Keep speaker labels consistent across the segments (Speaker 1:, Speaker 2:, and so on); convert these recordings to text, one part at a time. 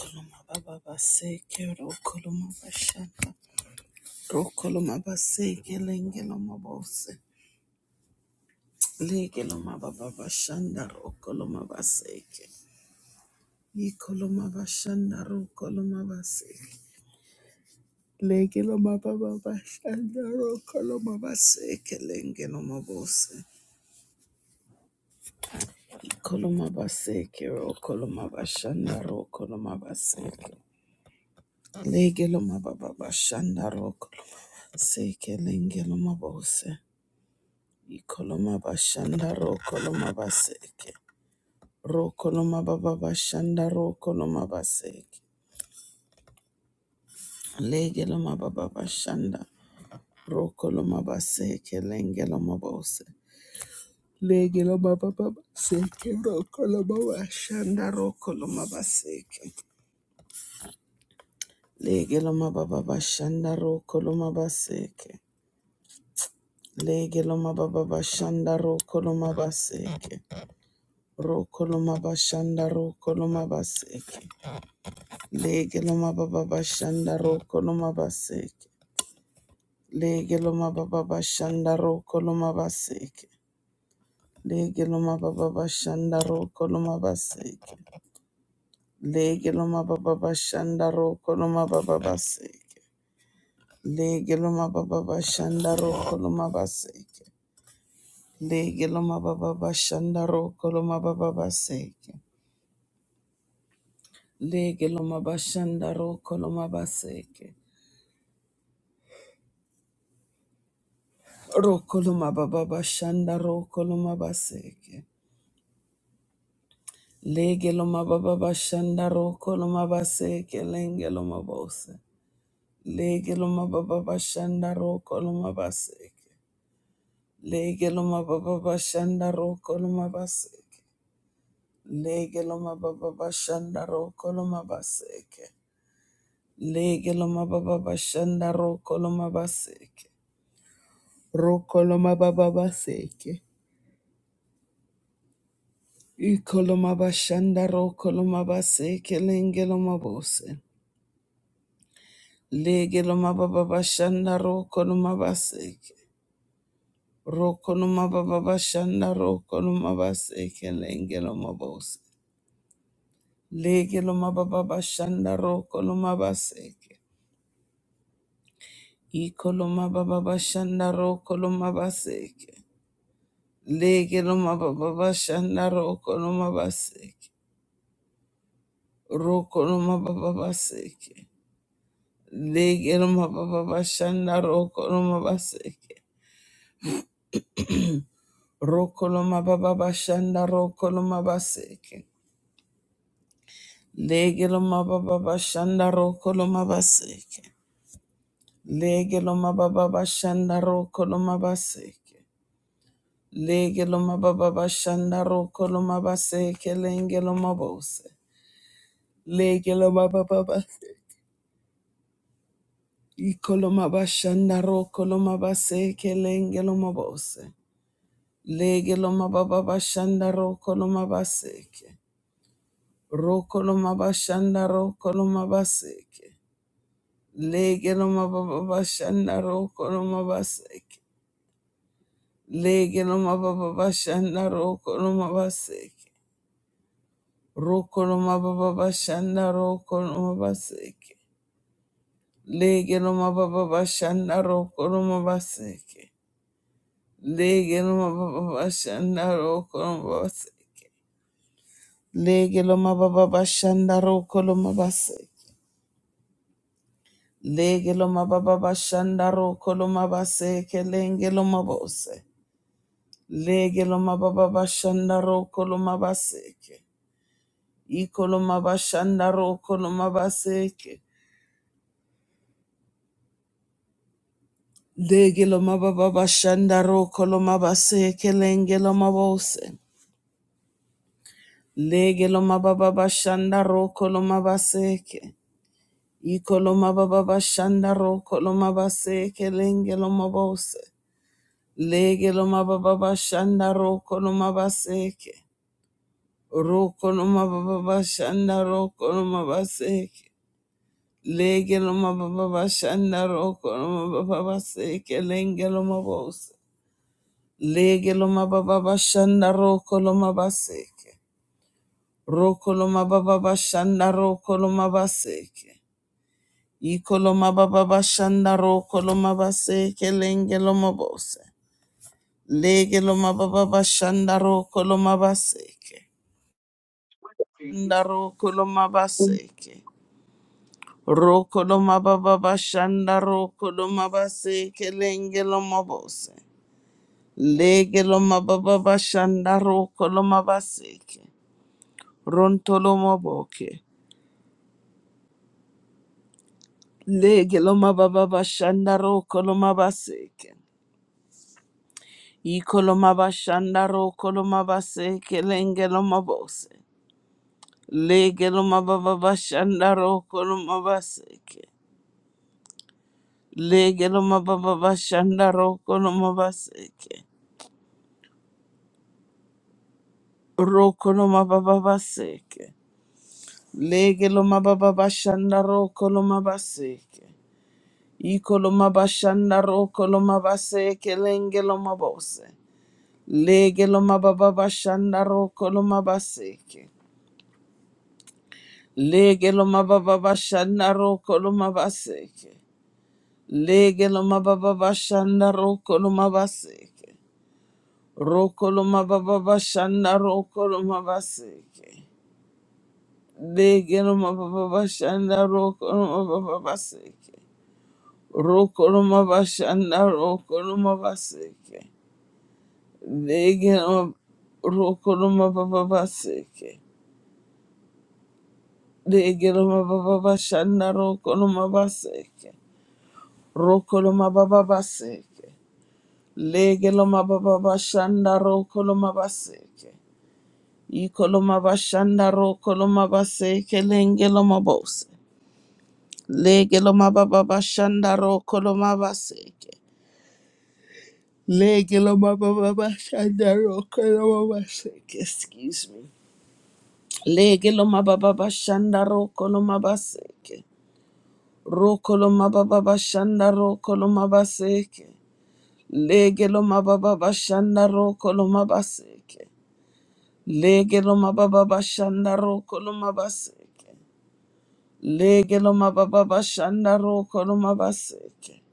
Speaker 1: Koloma baba baseke ro koloma bashaka ro koloma baseke lenge loma bose lege loma baba bashanda ro koloma baseke i koloma bashanda ro koloma baseke lege loma baba bashanda ro koloma baseke lenge loma bose i koloma baseke ro koloma bashanda ro koloma baseke lege loma baba bashanda ro koloma baseke lenge loma bose Ikoloma bashanda ro koloma baseke. Ro koloma baba bashanda ro koloma baseke. Legeloma baba bashanda ro koloma baseke lengeloma bose. Legeloma baba baseke ro koloma bashanda ro koloma baseke. Legeloma baba bashanda ro koloma baseke. Legeloma baba bashanda ro koloma baseke. Ro koloma bashanda ro koloma baseke. Lege loma baba bashanda roko loma baseke. Lege loma baba bashanda roko loma baseke. Lege loma baba bashanda roko loma baseke. Lege loma baba bashanda roko loma baba baseke. Lege loma baba bashanda roko loma baseke. Lege loma baba bashanda roko loma baba baseke. Lege loma bashanda roko loma baseke. Roko loma baba bashanda roko loma baseke. Lege loma baba bashanda roko loma base kelenge loma bose. Lege loma baba bashanda roko loma base. Lege loma baba bashanda roko loma base. Lege loma baba bashanda roko loma base. Lege loma baba bashanda roko loma base. Roko loma baba base. Iko loma bashanda roko loma base kelenge loma bose. Lege loma baba bashanda roko loma baseke. Roko loma baba bashanda roko loma baseke lenge loma bose. Lege loma baba bashanda roko loma baseke. Iko loma baba bashanda roko loma baseke. Lege loma baba bashanda roko loma baseke. Roko loma baba baseke. Lege loma baba bashanda roko loma baseke. Rokoloma baba bashanda rokoloma baseke. Legeloma baba bashanda rokoloma baseke. Legeloma baba bashanda rokoloma baseke. Legeloma baba bashanda rokoloma baseke lengeloma bose. Legeloma baba baseke. Ikoloma bashanda rokoloma baseke lengeloma bose. Legeloma baba bashanda rokoloma baseke. Rokolomabashanda rokolomabaseke. Legelomababashanda rokolomabaseke. Legelomababashanda rokolomabaseke. Rokolomababashanda rokolomabaseke. Legelomababashanda rokolomabaseke. Legelomababashanda rokolomabaseke. Legelomababashanda rokolomabaseke. Lege lo mababa bashandaro koloma base kelenge lo mabose. Lege lo mababa bashandaro koloma baseke. Ikoloma bashandaro koloma baseke. Lege lo mabaseke. Legelo mababa bashandaro koloma baseke lenge lo mabose. Lege lo mabaseke. Iko lo mababa bashandaro koloma baseke. Ikoloma baba bashandaro koloma baseke lo mabose. Lege lo mababa shanda roko lo mabaseke. Roko lo mababa shanda roko lo mabaseke. Lege lo mababa shanda roko lo mababa Lenge lo mabose. Lege lo mababa shanda roko lo mabaseke. Roko lo mababa shanda roko lo mabaseke. Iko lo mababa shanda roko lo mabaseke. Lenge lo mabose. Lege loma baba bashanda roko loma Shanda roko loma baseke. Roko loma bashanda roko loma lenge loma Lege loma baba bashanda roko loma Ronto loma Lege loma baba bashanda roko loma Iko loma roko loma lenge loma Legeloma baba bashanda roko loma baseke. Legeloma baba bashanda roko loma baseke. Roko loma baba baseke. Legeloma baba bashanda roko loma baseke. Iko loma bashanda roko loma baseke lenge loma bose. Legeloma baba bashanda roko loma baseke. Legeloma baba bashanda roko loma baseke. Lege lo mababa bashanda roko lo mabaseke. Roko lo mababa bashanda roko lo mabaseke. Lege lo mababa bashanda roko lo mababa baseke. Roko lo mabashanda roko lo mabaseke. Lege lo roko lo mababa baseke. Lege lo mababa bashanda roko lo mabaseke. Roko lo mababa baseke. Legeloma baba bashanda ro koloma baseke. Ikoloma bashanda ro koloma baseke lengeloma bose. Legeloma baba bashanda ro koloma baseke. Legeloma baba bashanda ro koloma baseke. Excuse me. Legeloma baba bashanda ro koloma baseke. Ro koloma baba bashanda ro koloma baseke. Legeloma baba bashanda ro koloma baseke. Lege lo mababa bashanda roko lo mabaseke. Lege lo mababa bashanda roko lo mabaseke.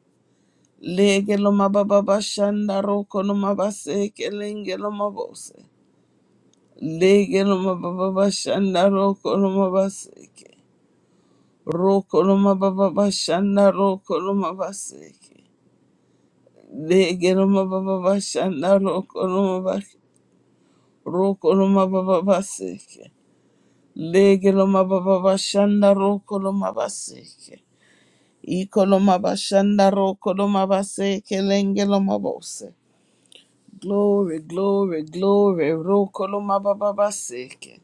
Speaker 1: Lege lo mababa bashanda roko lo mabaseke lenge lo mabose. Lege lo mababa bashanda roko lo mabaseke. Roko lo mababa bashanda roko lo mabaseke. Lege lo mababa bashanda roko lo mabaseke. Roko lo mababa baseke. Lege loma baba bashanda roko loma baseke. Iko loma bashanda roko loma baseke lenge loma bose. Glory, glory, glory. Roko loma baba baseke.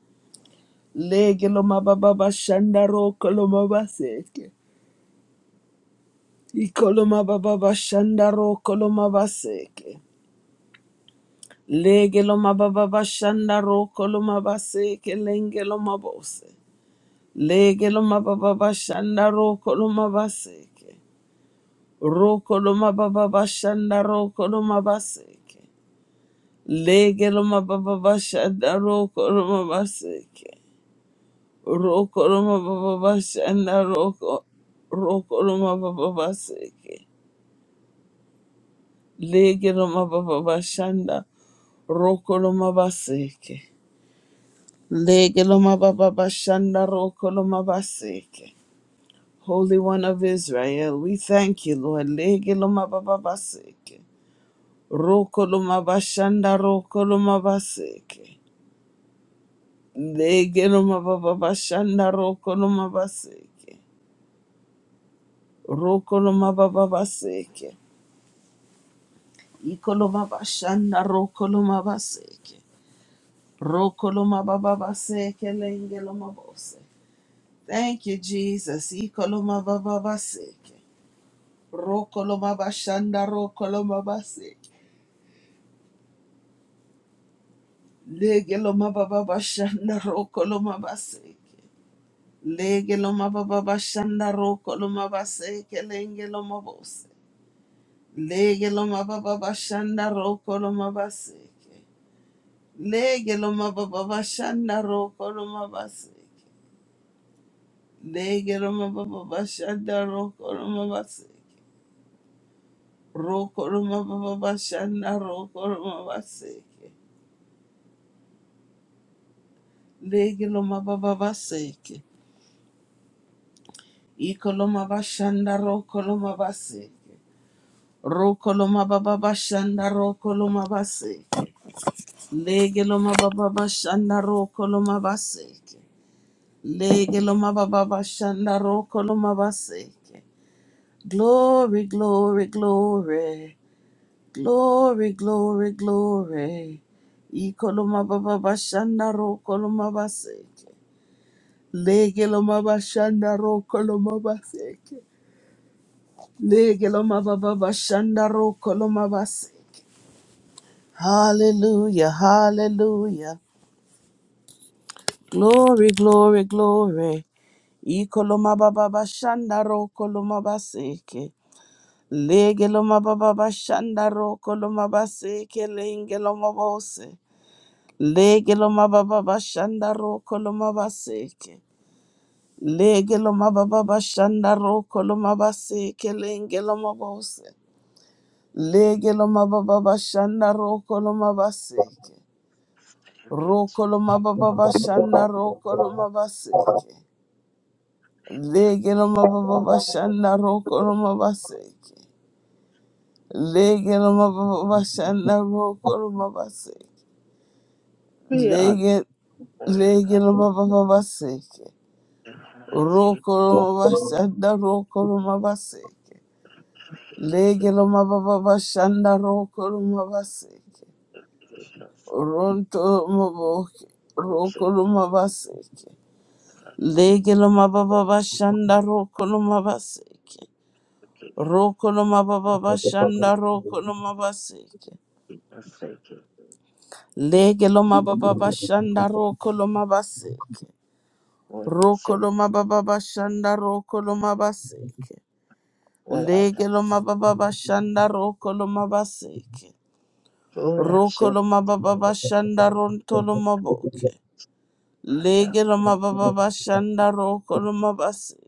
Speaker 1: Lege loma baba bashanda roko loma baseke. Iko loma baba bashanda roko loma baseke. Lege loma baba bashanda roko loma baseke lenge loma bose. Lege loma baba bashanda roko loma baseke. Rokoloma baba bashanda rokoloma baseke. Legeloma baba bashanda rokoloma baseke. Rokoloma baba bashanda roko rokoloma baba baseke. Legeloma baba bashanda rokoloma baseke. Legeloma baba bashanda rokoloma baseke. Holy One of Israel, we thank you, Lord. Legeloma baba baseke. Rokoloma bashanda rokoloma baseke. Legeloma baba bashanda rokoloma baseke. Rokoloma baba baseke. Ikoloma bashanda rokoloma baseke. Rokoloma baba baseke lengeloma bose. Thank you, Jesus. Ikoloma baba baseke. Rokoloma bashanda rokoloma baseke. Legeloma baba bashanda rokoloma baseke. Lege lo mababa shanda roko lo mabase kelenge lo mabose. Lege lo mababa shanda roko lo mabase. Lege lo mababa shanda roko lo mabase. Lege lo mababa shanda roko lo mabase. Roko lo mababa shanda roko lo mabase. Lege lo mababa seke. Iko lo mabashanda roko lo mabase. Roko lo mababa shanda roko lo mabase. Lege loma baba bashanda roko loma baseke. Lege loma baba bashanda roko loma baseke. Glory, glory, glory. Glory, glory, glory. Iko loma baba bashanda roko loma baseke. Lege loma bashanda roko loma baseke. Lege loma baba bashanda roko loma baseke. Hallelujah, hallelujah. Glory, glory, glory. Ikoloma baba bashanda ro koloma baseke. Legeloma baba bashanda ro koloma baseke lengeloma bose. Legeloma baba bashanda ro koloma baseke. Legeloma baba bashanda ro koloma baseke lengeloma bose. Legeloma baba bashanda ro koloma baseke. Ro
Speaker 2: We
Speaker 1: koloma baba bashanda ro koloma baseke. Lege no mababa bashanda roko no mabaseke. Lege no mababa bashanda roko no mabaseke.
Speaker 2: are
Speaker 1: Lege
Speaker 2: born
Speaker 1: lege
Speaker 2: up
Speaker 1: no mababa baseke.
Speaker 2: in honesty,
Speaker 1: Roko no mabashanda roko no mabaseke.
Speaker 2: yes,
Speaker 1: Lege no mababa bashanda roko no mabaseke.
Speaker 2: it is us,
Speaker 1: Ronto no maboke roko
Speaker 2: it
Speaker 1: no mabaseke.
Speaker 2: us,
Speaker 1: Lege no mababa bashanda roko no mabaseke.
Speaker 2: it
Speaker 1: Rokoloma baba bashanda rokoloma baseke.
Speaker 2: is us, it is
Speaker 1: Legeloma baba bashanda rokoloma baseke.
Speaker 2: what I said,
Speaker 1: Rokoloma baba bashanda rokoloma baseke.
Speaker 2: what I got,
Speaker 1: Legeloma baba bashanda rokoloma baseke.
Speaker 2: what I said,
Speaker 1: Rokoloma baba bashanda rontoloma boke.
Speaker 2: I got
Speaker 1: Legeloma baba bashanda rokoloma baseke.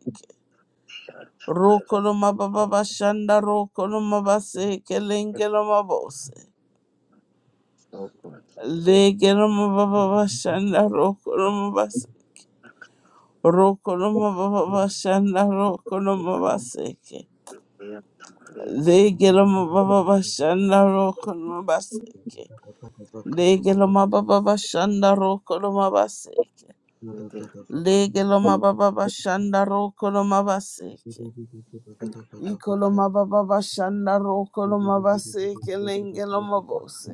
Speaker 2: shot, I got
Speaker 1: Rokoloma baba bashanda rokoloma baseke
Speaker 2: it,
Speaker 1: lengeloma bose.
Speaker 2: so good, so
Speaker 1: Legirama baba shanda rokoroma bas
Speaker 2: I got
Speaker 1: rokoroma baba bashanda rokoroma baseke.
Speaker 2: it, yeah, I'm ready,
Speaker 3: Zugudu
Speaker 1: Legirama baba shanda rokoroma baseke. Legirama baba bashanda rokoroma baseke. Legirama baba shanda rokoroma baseke. Ikoloma baba bashanda rokoroma baseke lengeloma bose.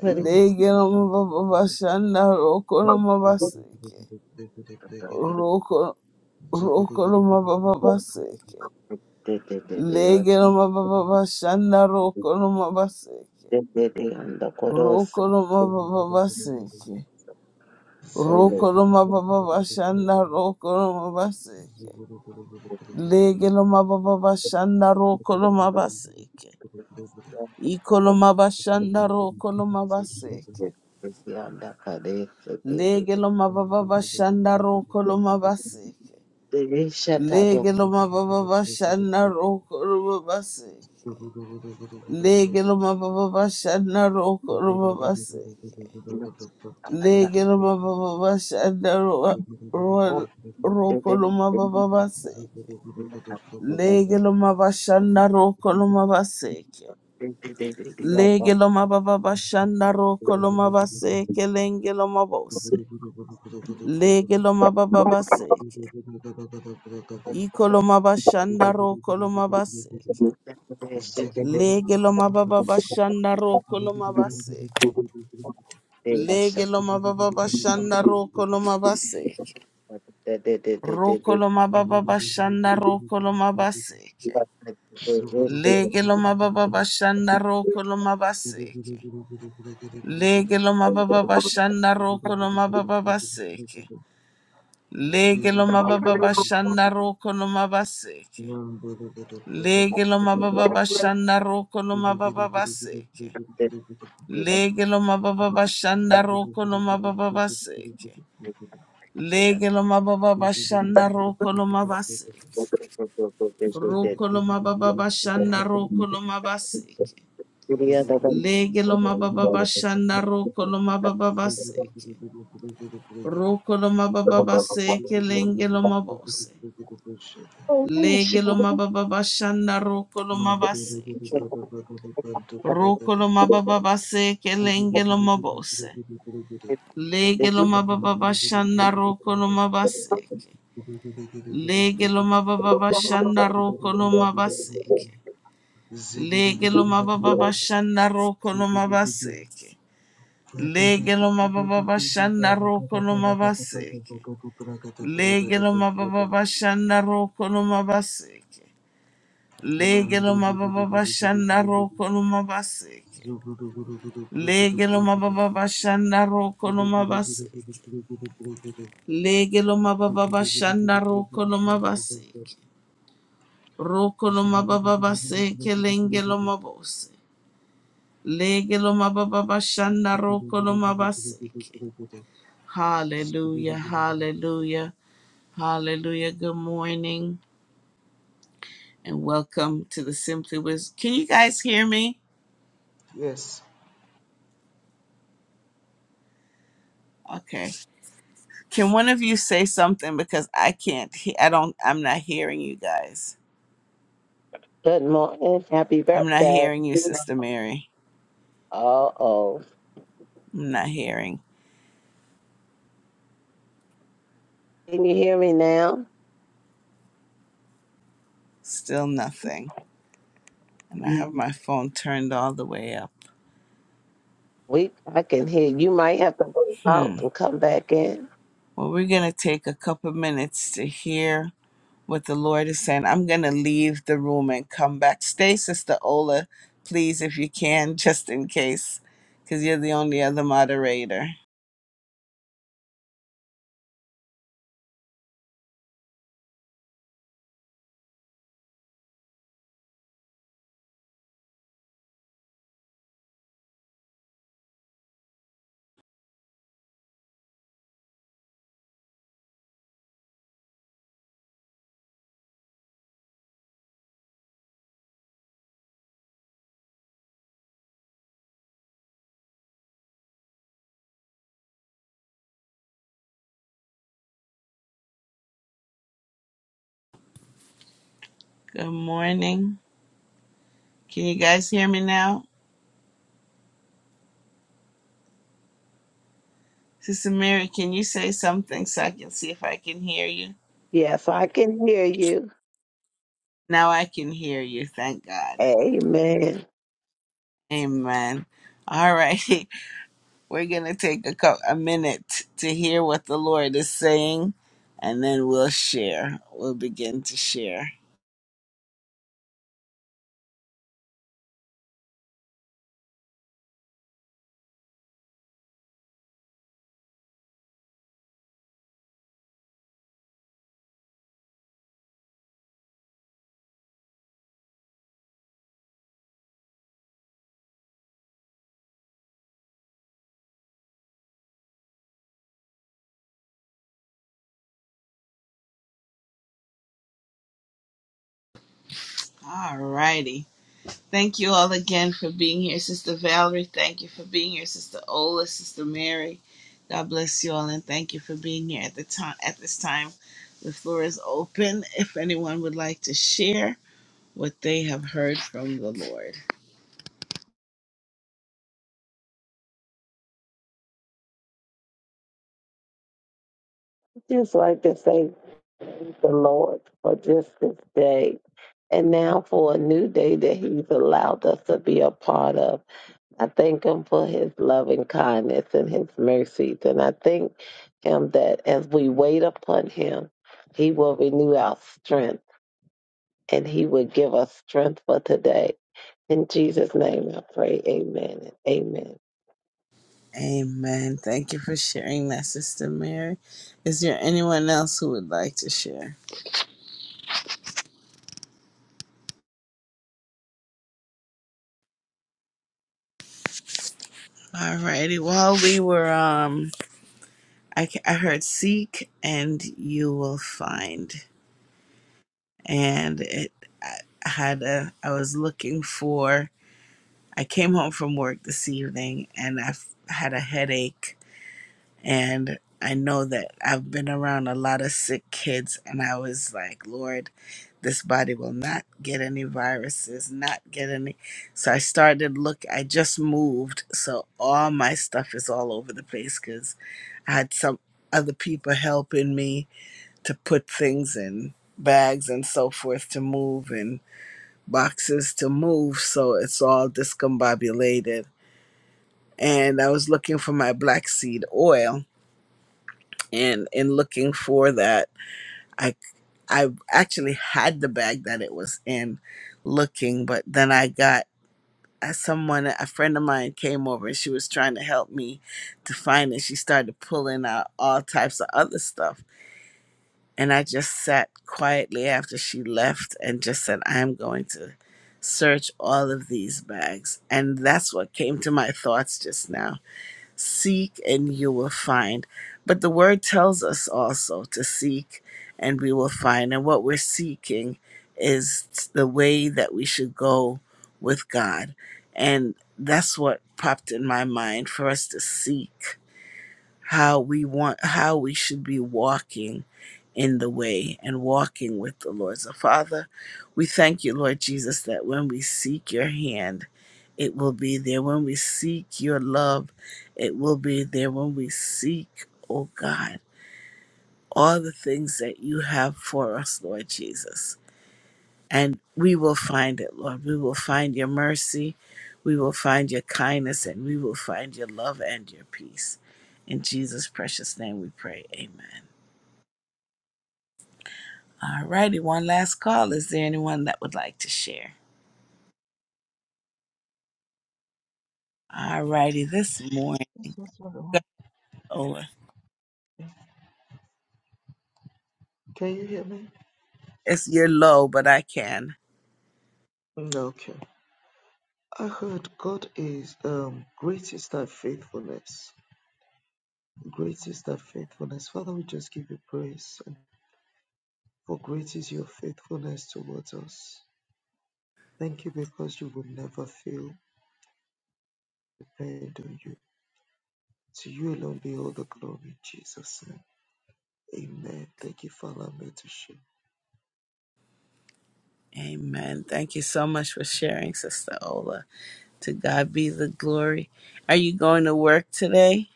Speaker 2: what is
Speaker 1: Legirama baba bashanda rokoroma baseke.
Speaker 2: it?
Speaker 1: Roko roko no mababa baseke.
Speaker 2: They, they, they, they are,
Speaker 1: Lege no mababa bashanda roko no mabaseke.
Speaker 2: they, they, they, and the chorus,
Speaker 1: Roko no mababa baseke. Roko no mababa bashanda roko no mabaseke. Lege no mababa bashanda roko no mabaseke.
Speaker 2: Thank
Speaker 1: Iko no mabashanda roko no mabaseke.
Speaker 2: you.
Speaker 1: Lege no mababa
Speaker 3: Ziggy
Speaker 1: bashanda roko no mabaseke. Lege loma baba bashana roko loma basi. Lege loma baba bashana roko loma basi. Lege loma baba bashana roa- roa- roko ba baba basi. Lege loma bashana roko loma basi. Lege loma baba bashana roko loma basi. Lenge loma bose. Lege lo ma ba ba ba se ke. Iko lo ma loma bashana roko se ke. Lege loma baba bashanda roko loma base. Lege loma baba bashanda roko loma base. Roko loma baba
Speaker 3: Ziggy,
Speaker 1: bashanda roko loma base. Lege loma baba bashanda roko loma base. Lege loma baba bashanda roko loma baba base. Lege loma baba bashanda roko loma base. Lege loma baba bashanda roko loma baba base. Lege lo mababa bashanda roko lo mababa baseke. Lege lo mababa bashanda roko lo mabaseke. Roko lo mababa bashanda roko lo mabaseke. Lege lo mababa bashanda roko lo mababa baseke. Roko lo mababa
Speaker 3: Mandiri
Speaker 1: baseke lenge lo mabose. Lege lo mababa bashanda roko lo mabaseke. Roko lo mababa baseke lenge lo mabose. Lege lo mababa bashanda roko no mabaseke. Lege lo mababa bashanda roko no mabaseke. Lege lo mababa bashanda roko no mabaseke. Lege lo mababa bashanda roko no mabaseke. Lege lo mababa bashanda roko no mabaseke. Lege lo mababa bashanda roko no mabaseke. Lege lo mababa bashanda roko
Speaker 3: Yes.
Speaker 1: no mabaseke. Lege loma baba bashanda roko loma baseke. Roko loma baba baseke lenge loma bose. Lege loma baba bashanda roko loma baseke. Hallelujah, hallelujah, hallelujah. Good morning and welcome to the Simply Wisdom. Can you guys hear me? Okay. Can one of you say something because I can't he- I don't I'm not hearing you guys.
Speaker 2: Good morning. Happy
Speaker 1: I'm not
Speaker 2: birthday.
Speaker 1: hearing you, Sister Mary.
Speaker 2: Uh oh.
Speaker 1: I'm not hearing.
Speaker 2: Can you hear me now?
Speaker 1: Still nothing. and I have my phone turned all the way up.
Speaker 2: We I can hear you. Might have to go out
Speaker 1: Hmm.
Speaker 2: and come back in.
Speaker 1: Well, we're going to take a couple minutes to hear what the Lord is saying. I'm going to leave the room and come back. Stay, Sister Ola, please, if you can, just in case, because you're the only other moderator. Good morning. Can you guys hear me now? Sister Mary, can you say something so I can see if I can hear you?
Speaker 2: Yes, I can hear you.
Speaker 1: Now I can hear you. Thank God.
Speaker 2: Amen.
Speaker 1: Amen. All right. We're going to take a, cou- a minute to hear what the Lord is saying, and then we'll share. We'll begin to share. All righty. Thank you all again for being here, Sister Valerie. Thank you for being here, Sister Ola, Sister Mary. God bless you all, and thank you for being here at the time. At this time, the floor is open. If anyone would like to share what they have heard from the Lord.
Speaker 2: Just like to say thank the Lord for just this day. And now for a new day that He's allowed us to be a part of. I thank Him for His loving kindness and His mercies. And I thank Him that as we wait upon Him, He will renew our strength and He will give us strength for today. In Jesus' name I pray, amen and amen.
Speaker 1: Amen. Thank you for sharing that, Sister Mary. Is there anyone else who would like to share? Alrighty. While we were um, I ca- I heard seek and you will find, and it I I had a I was looking for. I came home from work this evening and I f- had a headache And I know that I've been around a lot of sick kids, and I was like, Lord, this body will not get any viruses, not get any. So I started look. I just moved, so all my stuff is all over the place because I had some other people helping me to put things in bags and so forth to move and boxes to move. So it's all discombobulated. And I was looking for my black seed oil and in looking for that i i actually had the bag that it was in looking but then i got uh, someone a friend of mine came over and she was trying to help me to find it she started pulling out all types of other stuff and i just sat quietly after she left and just said i'm going to search all of these bags and that's what came to my thoughts just now Seek and you will find. But the word tells us also to seek and we will find. And what we're seeking is the way that we should go with God. And that's what popped in my mind for us to seek how we want how we should be walking in the way and walking with the Lord. So Father, we thank you, Lord Jesus, that when we seek your hand, it will be there. When we seek your love, it will be there. When we seek, oh God, all the things that you have for us, Lord Jesus and we will find it, Lord. We will find your mercy, we will find your kindness, and we will find your love and your peace. In Jesus' precious name we pray. Amen. All righty, one last call. Is there anyone that would like to share? All righty, this morning.
Speaker 3: Yes, yes, Lord.
Speaker 1: Ola.
Speaker 3: Can you hear me?
Speaker 1: It's your low, but I can.
Speaker 3: Okay. I heard God is um great is thy faithfulness. Great is thy faithfulness. Father, we just give you praise and for great is your faithfulness towards us. Thank you because you will never fail. Depend on you. To you alone be all the glory in Jesus' name. Amen. Thank you, Father, mentorship.
Speaker 1: Amen. Thank you so much for sharing, Sister Ola. To God be the glory. Are you going to work today,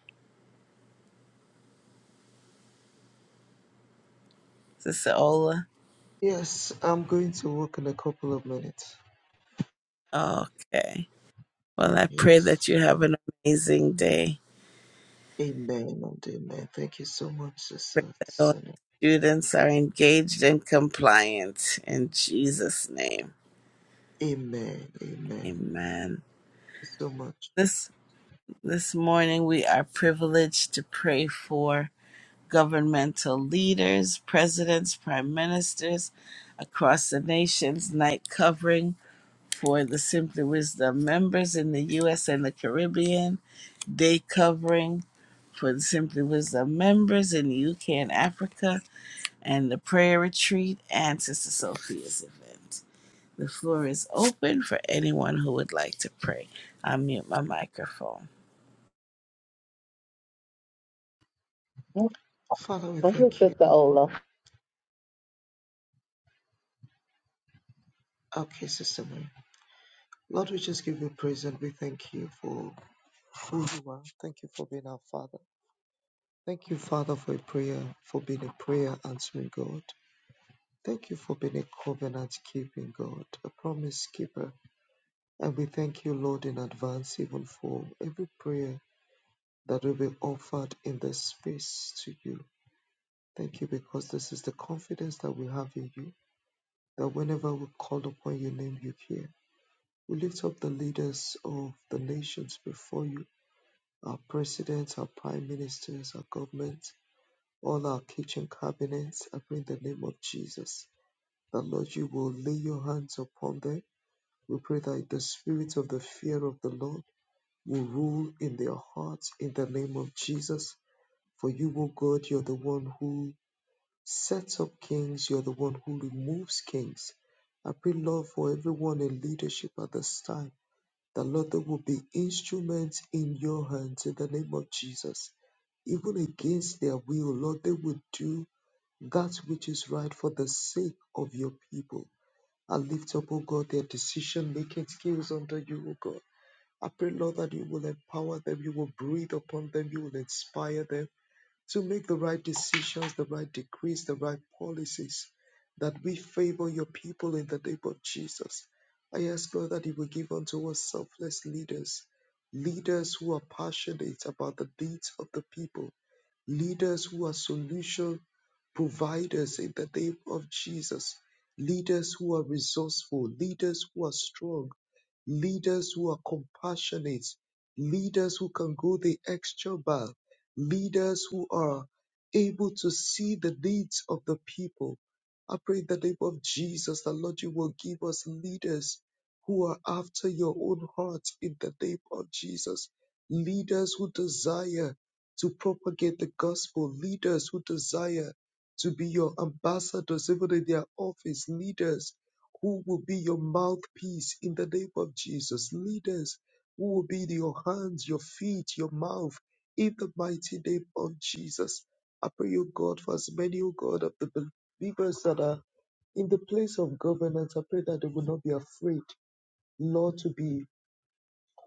Speaker 1: Sister Ola?
Speaker 3: Yes, I'm going to work in a couple of minutes.
Speaker 1: Okay. Well, I pray
Speaker 3: Yes.
Speaker 1: that you have an amazing day.
Speaker 3: Amen and amen. Thank you so much,
Speaker 1: Pray
Speaker 3: Sister
Speaker 1: that all
Speaker 3: Sunny.
Speaker 1: students are engaged and compliant in Jesus' name.
Speaker 3: Amen. Amen. Thank
Speaker 1: Amen.
Speaker 3: you so much.
Speaker 1: This this morning we are privileged to pray for governmental leaders, presidents, prime ministers across the nation's night covering for the Simply Wisdom members in the US and the Caribbean, day covering for the Simply Wisdom members in the UK and Africa and the prayer retreat and Sister Sophia's event. The floor is open for anyone who would like to pray. I mute my microphone.
Speaker 2: Well,
Speaker 3: Father, we thank
Speaker 2: Sister
Speaker 3: you.
Speaker 2: Ola,
Speaker 3: Okay, Sister Mary. Lord, we just give you praise and we thank you for who you are. Thank you for being our Father. Thank you, Father, for a prayer, for being a prayer answering God. Thank you for being a covenant keeping God, a promise keeper. And we thank you, Lord, in advance, even for every prayer that will be offered in this space to you. Thank you because this is the confidence that we have in you, that whenever we call upon your name, you hear. We lift up the leaders of the nations before you, our presidents, our prime ministers, our governments, all our kitchen cabinets. I pray in the name of Jesus, that Lord, you will lay your hands upon them We pray that the spirit of the fear of the Lord will rule in their hearts in the name of Jesus. For you, O God, you're the one who sets up kings, you're the one who removes kings. I pray, Lord, for everyone in leadership at this time, that Lord, they will be instruments in your hands in the name of Jesus. Even against their will, Lord, they will do that which is right for the sake of your people. I lift up, O God, their decision making skills under you, O God. I pray, Lord, that you will empower them, you will breathe upon them, you will inspire them to make the right decisions, the right decrees, the right policies, that we favor your people in the name of Jesus. I ask, God, that you will give unto us selfless leaders, leaders who are passionate about the needs of the people, leaders who are solution providers in the name of Jesus, leaders who are resourceful, leaders who are strong leaders who are compassionate, leaders who can go the extra mile, leaders who are able to see the needs of the people. I pray in the name of Jesus that Lord, you will give us leaders who are after your own heart in the name of Jesus, leaders who desire to propagate the gospel, leaders who desire to be your ambassadors, even in their office, leaders who will be your mouthpiece in the name of Jesus. Leaders who will be your hands, your feet, your mouth in the mighty name of Jesus. I pray, O God, for as many, O God, of the believers that are in the place of governance. I pray that they will not be afraid, Lord, to be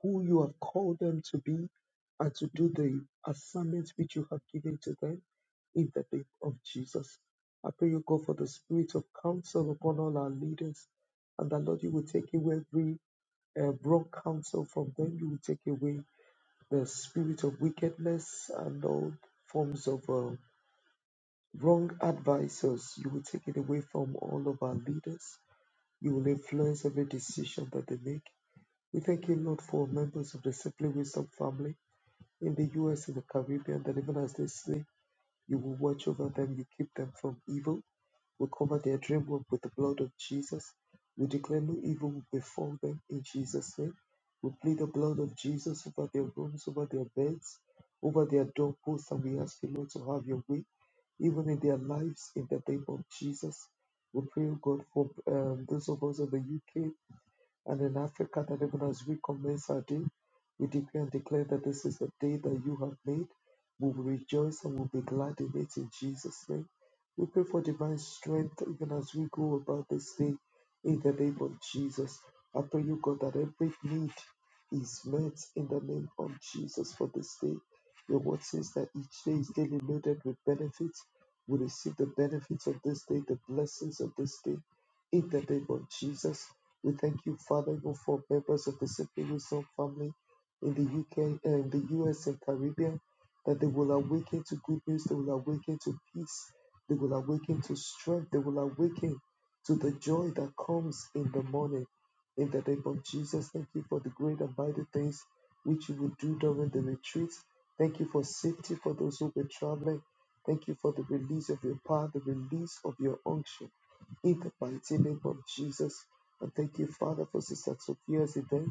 Speaker 3: who you have called them to be and to do the assignment which you have given to them in the name of Jesus. I pray you go for the spirit of counsel upon all our leaders and that Lord, you will take away every uh, wrong counsel from them. You will take away the spirit of wickedness and all forms of uh, wrong advisors. You will take it away from all of our leaders. You will influence every decision that they make. We thank you, Lord, for members of the Simply Wisdom family in the US, in the Caribbean, that even as they sleep, you will watch over them, you keep them from evil. We cover their dream work with the blood of Jesus. We declare no evil will befall them in Jesus' name. We plead the blood of Jesus over their rooms, over their beds, over their doorposts, and we ask you, Lord, to have your way, even in their lives, in the name of Jesus. We pray, oh God, for um, those of us in the UK and in Africa, that even as we commence our day, we decree and declare that this is the day that you have made. We will rejoice and we'll be glad in it in Jesus' name. We pray for divine strength even as we go about this day in the name of Jesus. I pray you, God, that every need is met in the name of Jesus for this day. Your word says that each day is daily loaded with benefits. We receive the benefits of this day, the blessings of this day in the name of Jesus. We thank you, Father, even for members of the Simply Wisdom family in the UK and the US and Caribbean, that they will awaken to good news, they will awaken to peace, they will awaken to strength, they will awaken to the joy that comes in the morning. In the name of Jesus, thank you for the great and mighty things which you will do during the retreat. Thank you for safety for those who were traveling. Thank you for the release of your power, the release of your unction. In the mighty name of Jesus, and thank you, Father, for Sister Sophia's event.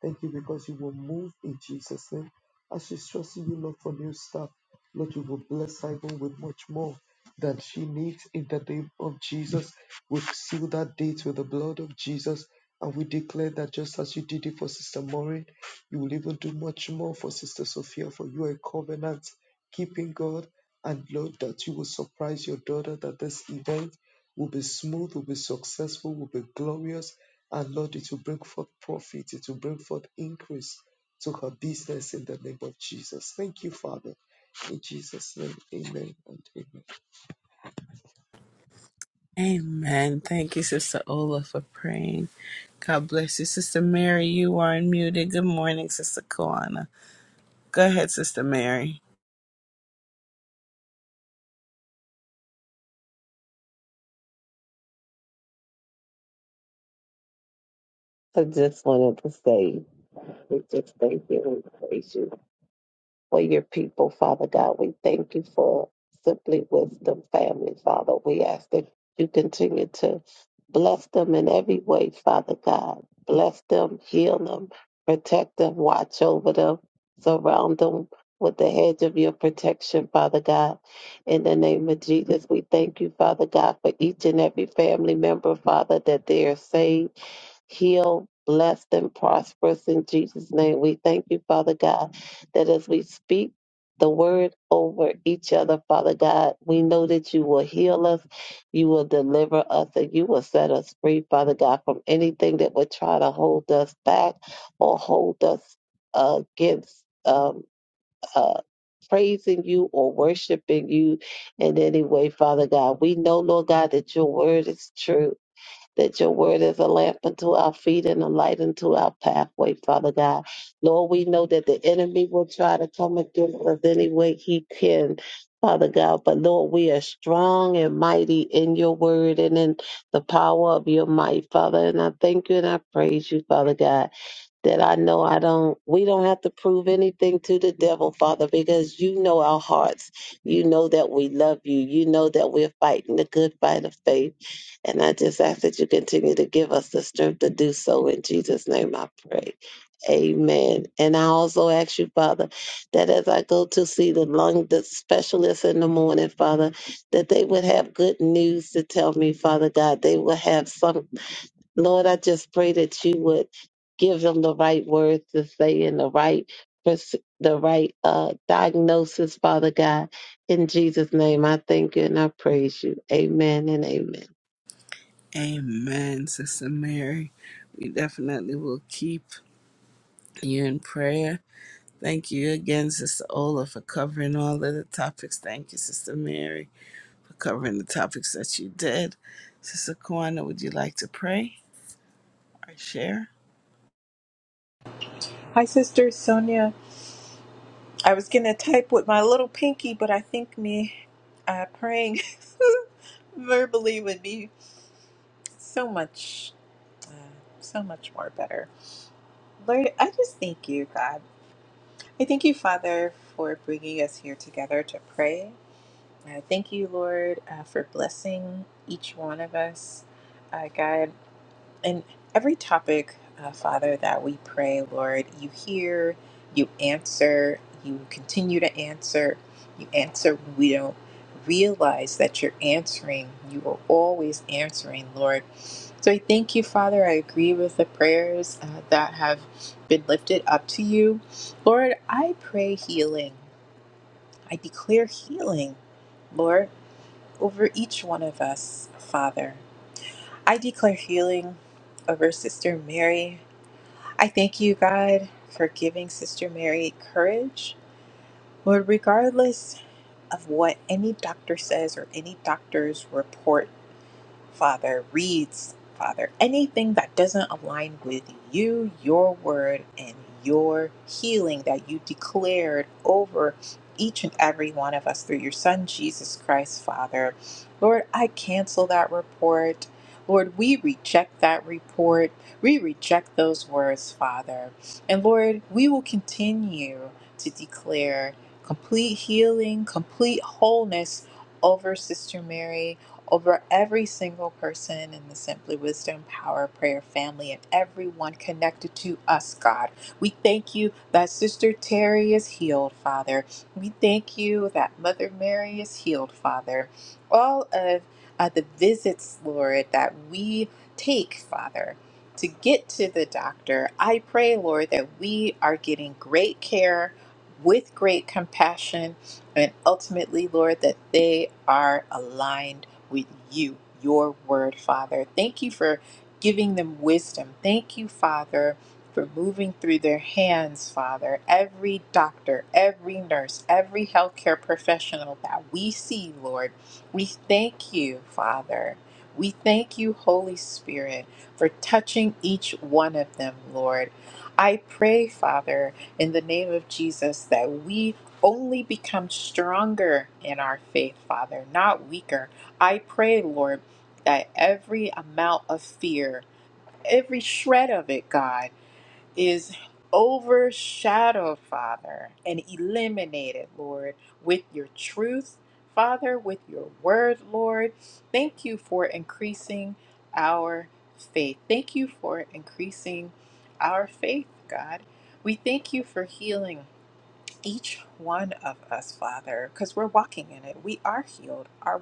Speaker 3: Thank you because you will move in Jesus' name. As she's trusting you, Lord, for new stuff, Lord, you will bless her even with much more than she needs in the name of Jesus. We seal that date with the blood of Jesus. And we declare that just as you did it for Sister Maureen, you will even do much more for Sister Sophia, for you are a covenant keeping God. And Lord, that you will surprise your daughter that this event will be smooth, will be successful, will be glorious. And Lord, it will bring forth profit, it will bring forth increase to her business in the name of Jesus. Thank you, Father. In Jesus' name, amen and amen.
Speaker 1: Amen. Thank you, Sister Ola, for praying. God bless you, Sister Mary. You are unmuted. Good morning, Sister Koana. Go ahead, Sister Mary.
Speaker 2: I just wanted to say We just thank you and praise you for your people, Father God. We thank you for Simply Wisdom family, Father. We ask that you continue to bless them in every way, Father God. Bless them, heal them, protect them, watch over them, surround them with the hedge of your protection, Father God. In the name of Jesus, we thank you, Father God, for each and every family member, Father, that they are saved Heal, blessed, and prosperous in Jesus' name. We thank you, Father God, that as we speak the word over each other, Father God, we know that you will heal us, you will deliver us, and you will set us free, Father God, from anything that would try to hold us back or hold us uh, against um, uh, praising you or worshiping you in any way, Father God. We know, Lord God, that your word is true that your word is a lamp unto our feet and a light unto our pathway, Father God. Lord, we know that the enemy will try to come against us any way he can. Father God, but Lord, we are strong and mighty in your word and in the power of your might, Father. And I thank you and I praise you, Father God that I know I don't, we don't have to prove anything to the devil, Father, because you know our hearts. You know that we love you. You know that we're fighting the good fight of faith. And I just ask that you continue to give us the strength to do so. In Jesus' name I pray. Amen. And I also ask you, Father, that as I go to see the lung the specialist in the morning, Father, that they would have good news to tell me, Father God. They will have some Lord, I just pray that you would give them the right words to say and the right pers- the right uh, diagnosis, Father God. In Jesus' name, I thank you and I praise you. Amen and amen.
Speaker 1: Amen, Sister Mary. We definitely will keep you in prayer. Thank you again, Sister Ola, for covering all of the topics. Thank you, Sister Mary. for covering the topics that you did. Sister Kwana, would you like to pray or share?
Speaker 4: Hi, Sister Sonia. I was going to type with my little pinky, but I think me uh, praying verbally would be so much, uh, so much more better. Lord, I just thank you, God. I thank you, Father, for bringing us here together to pray. I thank you, Lord, uh, for blessing each one of us. Uh, God, And every topic, uh, Father, that we pray, Lord, you hear, you answer, you continue to answer, you answer when we don't realize that you're answering. You are always answering, Lord. So I thank you, Father. I agree with the prayers uh, that have been lifted up to you. Lord, I pray healing. I declare healing, Lord, over each one of us, Father. I declare healing over Sister Mary. I thank you, God, for giving Sister Mary courage. Lord, regardless of what any doctor says or any doctor's report, Father, reads, Father, anything that doesn't align with you, your word, and your healing that you declared over each and every one of us through your Son, Jesus Christ, Father. Lord, I cancel that report. Lord, we reject that report. We reject those words, Father. And Lord, we will continue to declare complete healing, complete wholeness over Sister Mary over every single person in the Simply Wisdom Power Prayer family and everyone connected to us, God. We thank you that Sister Terry is healed, Father. We thank you that Mother Mary is healed, Father. All of uh, the visits, Lord, that we take, Father. To get to the doctor, I pray, Lord, that we are getting great care with great compassion, and ultimately, Lord, that they are aligned with you, your word, Father. Thank you for giving them wisdom. Thank you, Father, for moving through their hands, Father. Every doctor, every nurse, every healthcare professional that we see, Lord, we thank you, Father. We thank you, Holy Spirit, for touching each one of them, Lord. I pray, Father, in the name of Jesus, that we only become stronger in our faith, Father, not weaker. I pray, Lord, that every amount of fear, every shred of it, God, is overshadowed, Father, and eliminated, Lord, with your truth, Father, with your word, Lord. Thank you for increasing our faith. Thank you for increasing our faith, God. We thank you for healing each one of us, Father, because we're walking in it. We are healed. Our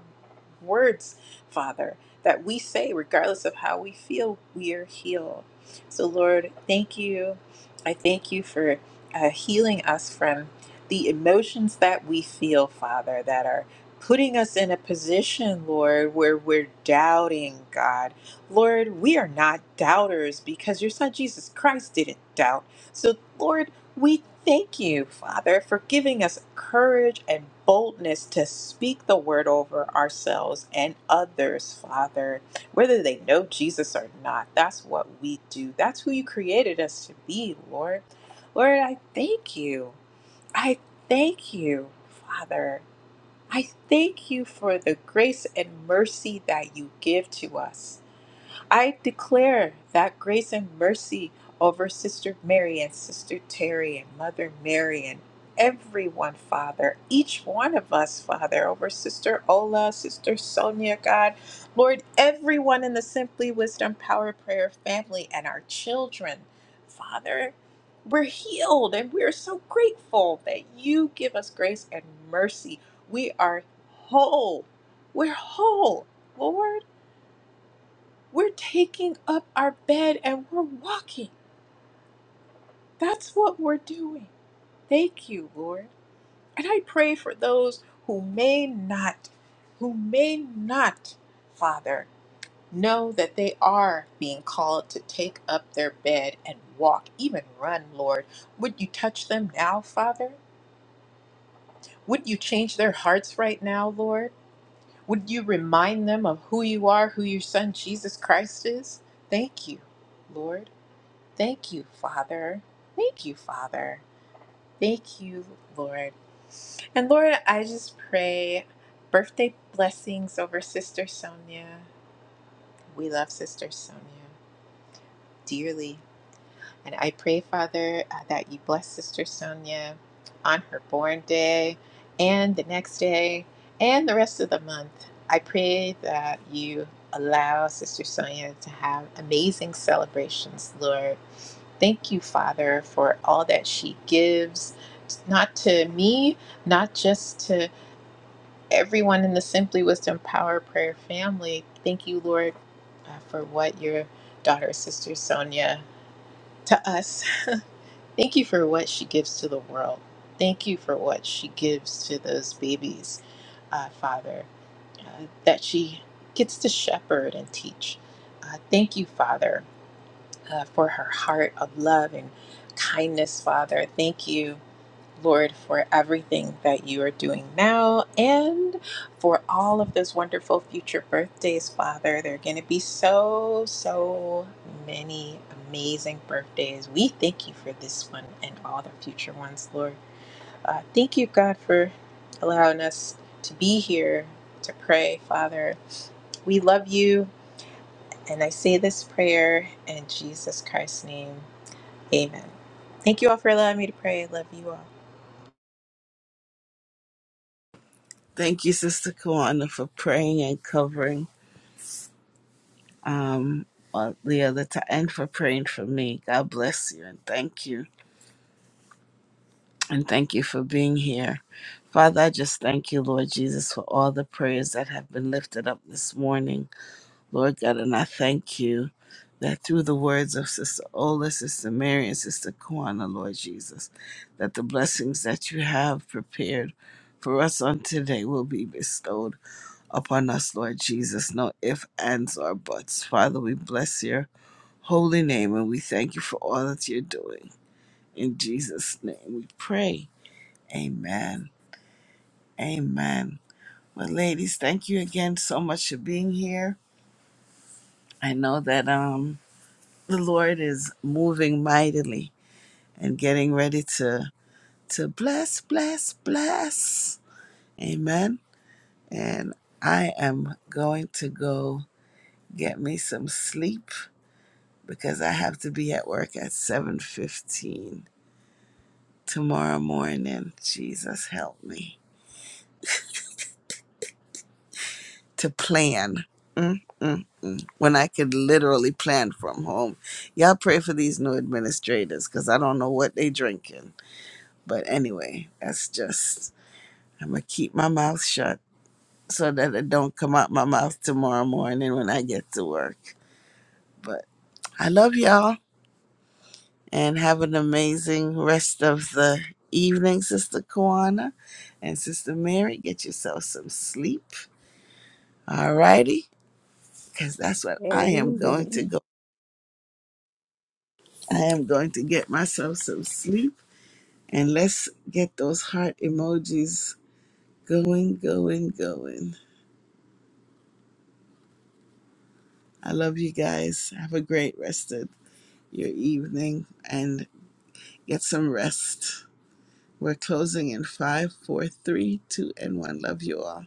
Speaker 4: words, Father, that we say, regardless of how we feel, we are healed. So, Lord, thank you. I thank you for uh, healing us from the emotions that we feel, Father, that are putting us in a position, Lord, where we're doubting, God. Lord, we are not doubters because your son Jesus Christ didn't doubt. So, Lord, we thank you, Father, for giving us courage and boldness to speak the word over ourselves and others, Father, whether they know Jesus or not. That's what we do. That's who you created us to be, Lord. Lord, I thank you. I thank you, Father. I thank you for the grace and mercy that you give to us. I declare that grace and mercy over Sister Mary and Sister Terry and Mother Mary and everyone, Father, each one of us, Father, over Sister Ola, Sister Sonia, God, Lord, everyone in the Simply Wisdom Power Prayer family and our children, Father. We're healed and we're so grateful that you give us grace and mercy. We are whole. We're whole, Lord. We're taking up our bed and we're walking. That's what we're doing. Thank you, Lord. And I pray for those who may not, who may not, Father, know that they are being called to take up their bed and walk, even run, Lord. Would you touch them now, Father? Would you change their hearts right now, Lord? Would you remind them of who you are, who your son Jesus Christ is? Thank you, Lord. Thank you, Father. Thank you, Father. Thank you, Lord. And Lord, I just pray birthday blessings over Sister Sonia. We love Sister Sonia dearly. And I pray, Father, uh, that you bless Sister Sonia on her born day and the next day and the rest of the month. I pray that you allow Sister Sonia to have amazing celebrations, Lord Thank you, Father, for all that she gives, not to me, not just to everyone in the Simply Wisdom Power Prayer family. Thank you, Lord, uh, for what your daughter, Sister Sonia, to us. Thank you for what she gives to the world. Thank you for what she gives to those babies, uh, Father, uh, that she gets to shepherd and teach. Uh, thank you, Father, uh, for her heart of love and kindness, Father. Thank you Lord, for everything that you are doing now and for all of those wonderful future birthdays, Father. There are going to be so, so many amazing birthdays. We thank you for this one and all the future ones, Lord. Uh, thank you, God, for allowing us to be here to pray, Father. We love you, and I say this prayer in Jesus Christ's name. Amen. Thank you all for allowing me to pray. I love you all.
Speaker 1: Thank you, Sister Kwana, for praying and covering um, all the other time and for praying for me. God bless you and thank you. And thank you for being here. Father, I just thank you, Lord Jesus, for all the prayers that have been lifted up this morning. Lord God, and I thank you that through the words of Sister Ola, Sister Mary, and Sister Kwana, Lord Jesus, that the blessings that you have prepared for us on today will be bestowed upon us, Lord Jesus. No ifs, ands, or buts. Father, we bless your holy name and we thank you for all that you're doing. In Jesus' name we pray. Amen. Amen. Well, ladies, thank you again so much for being here. I know that um the Lord is moving mightily and getting ready to to bless, bless, bless. Amen. And I am going to go get me some sleep because I have to be at work at 7:15 tomorrow morning. Jesus help me to plan. Mm, mm, mm. When I could literally plan from home. Y'all pray for these new administrators because I don't know what they drinking. But anyway, that's just I'm gonna keep my mouth shut so that it don't come out my mouth tomorrow morning when I get to work. But I love y'all and have an amazing rest of the evening, Sister Kwana and Sister Mary. Get yourself some sleep. Alrighty, because that's what I am going
Speaker 2: Amen.
Speaker 1: to go. I am going to get myself some sleep and let's get those heart emojis going, going, going. I love you guys. Have a great rest of your evening. and. get some rest. We're closing in five, four, three, two, and one. Love you all.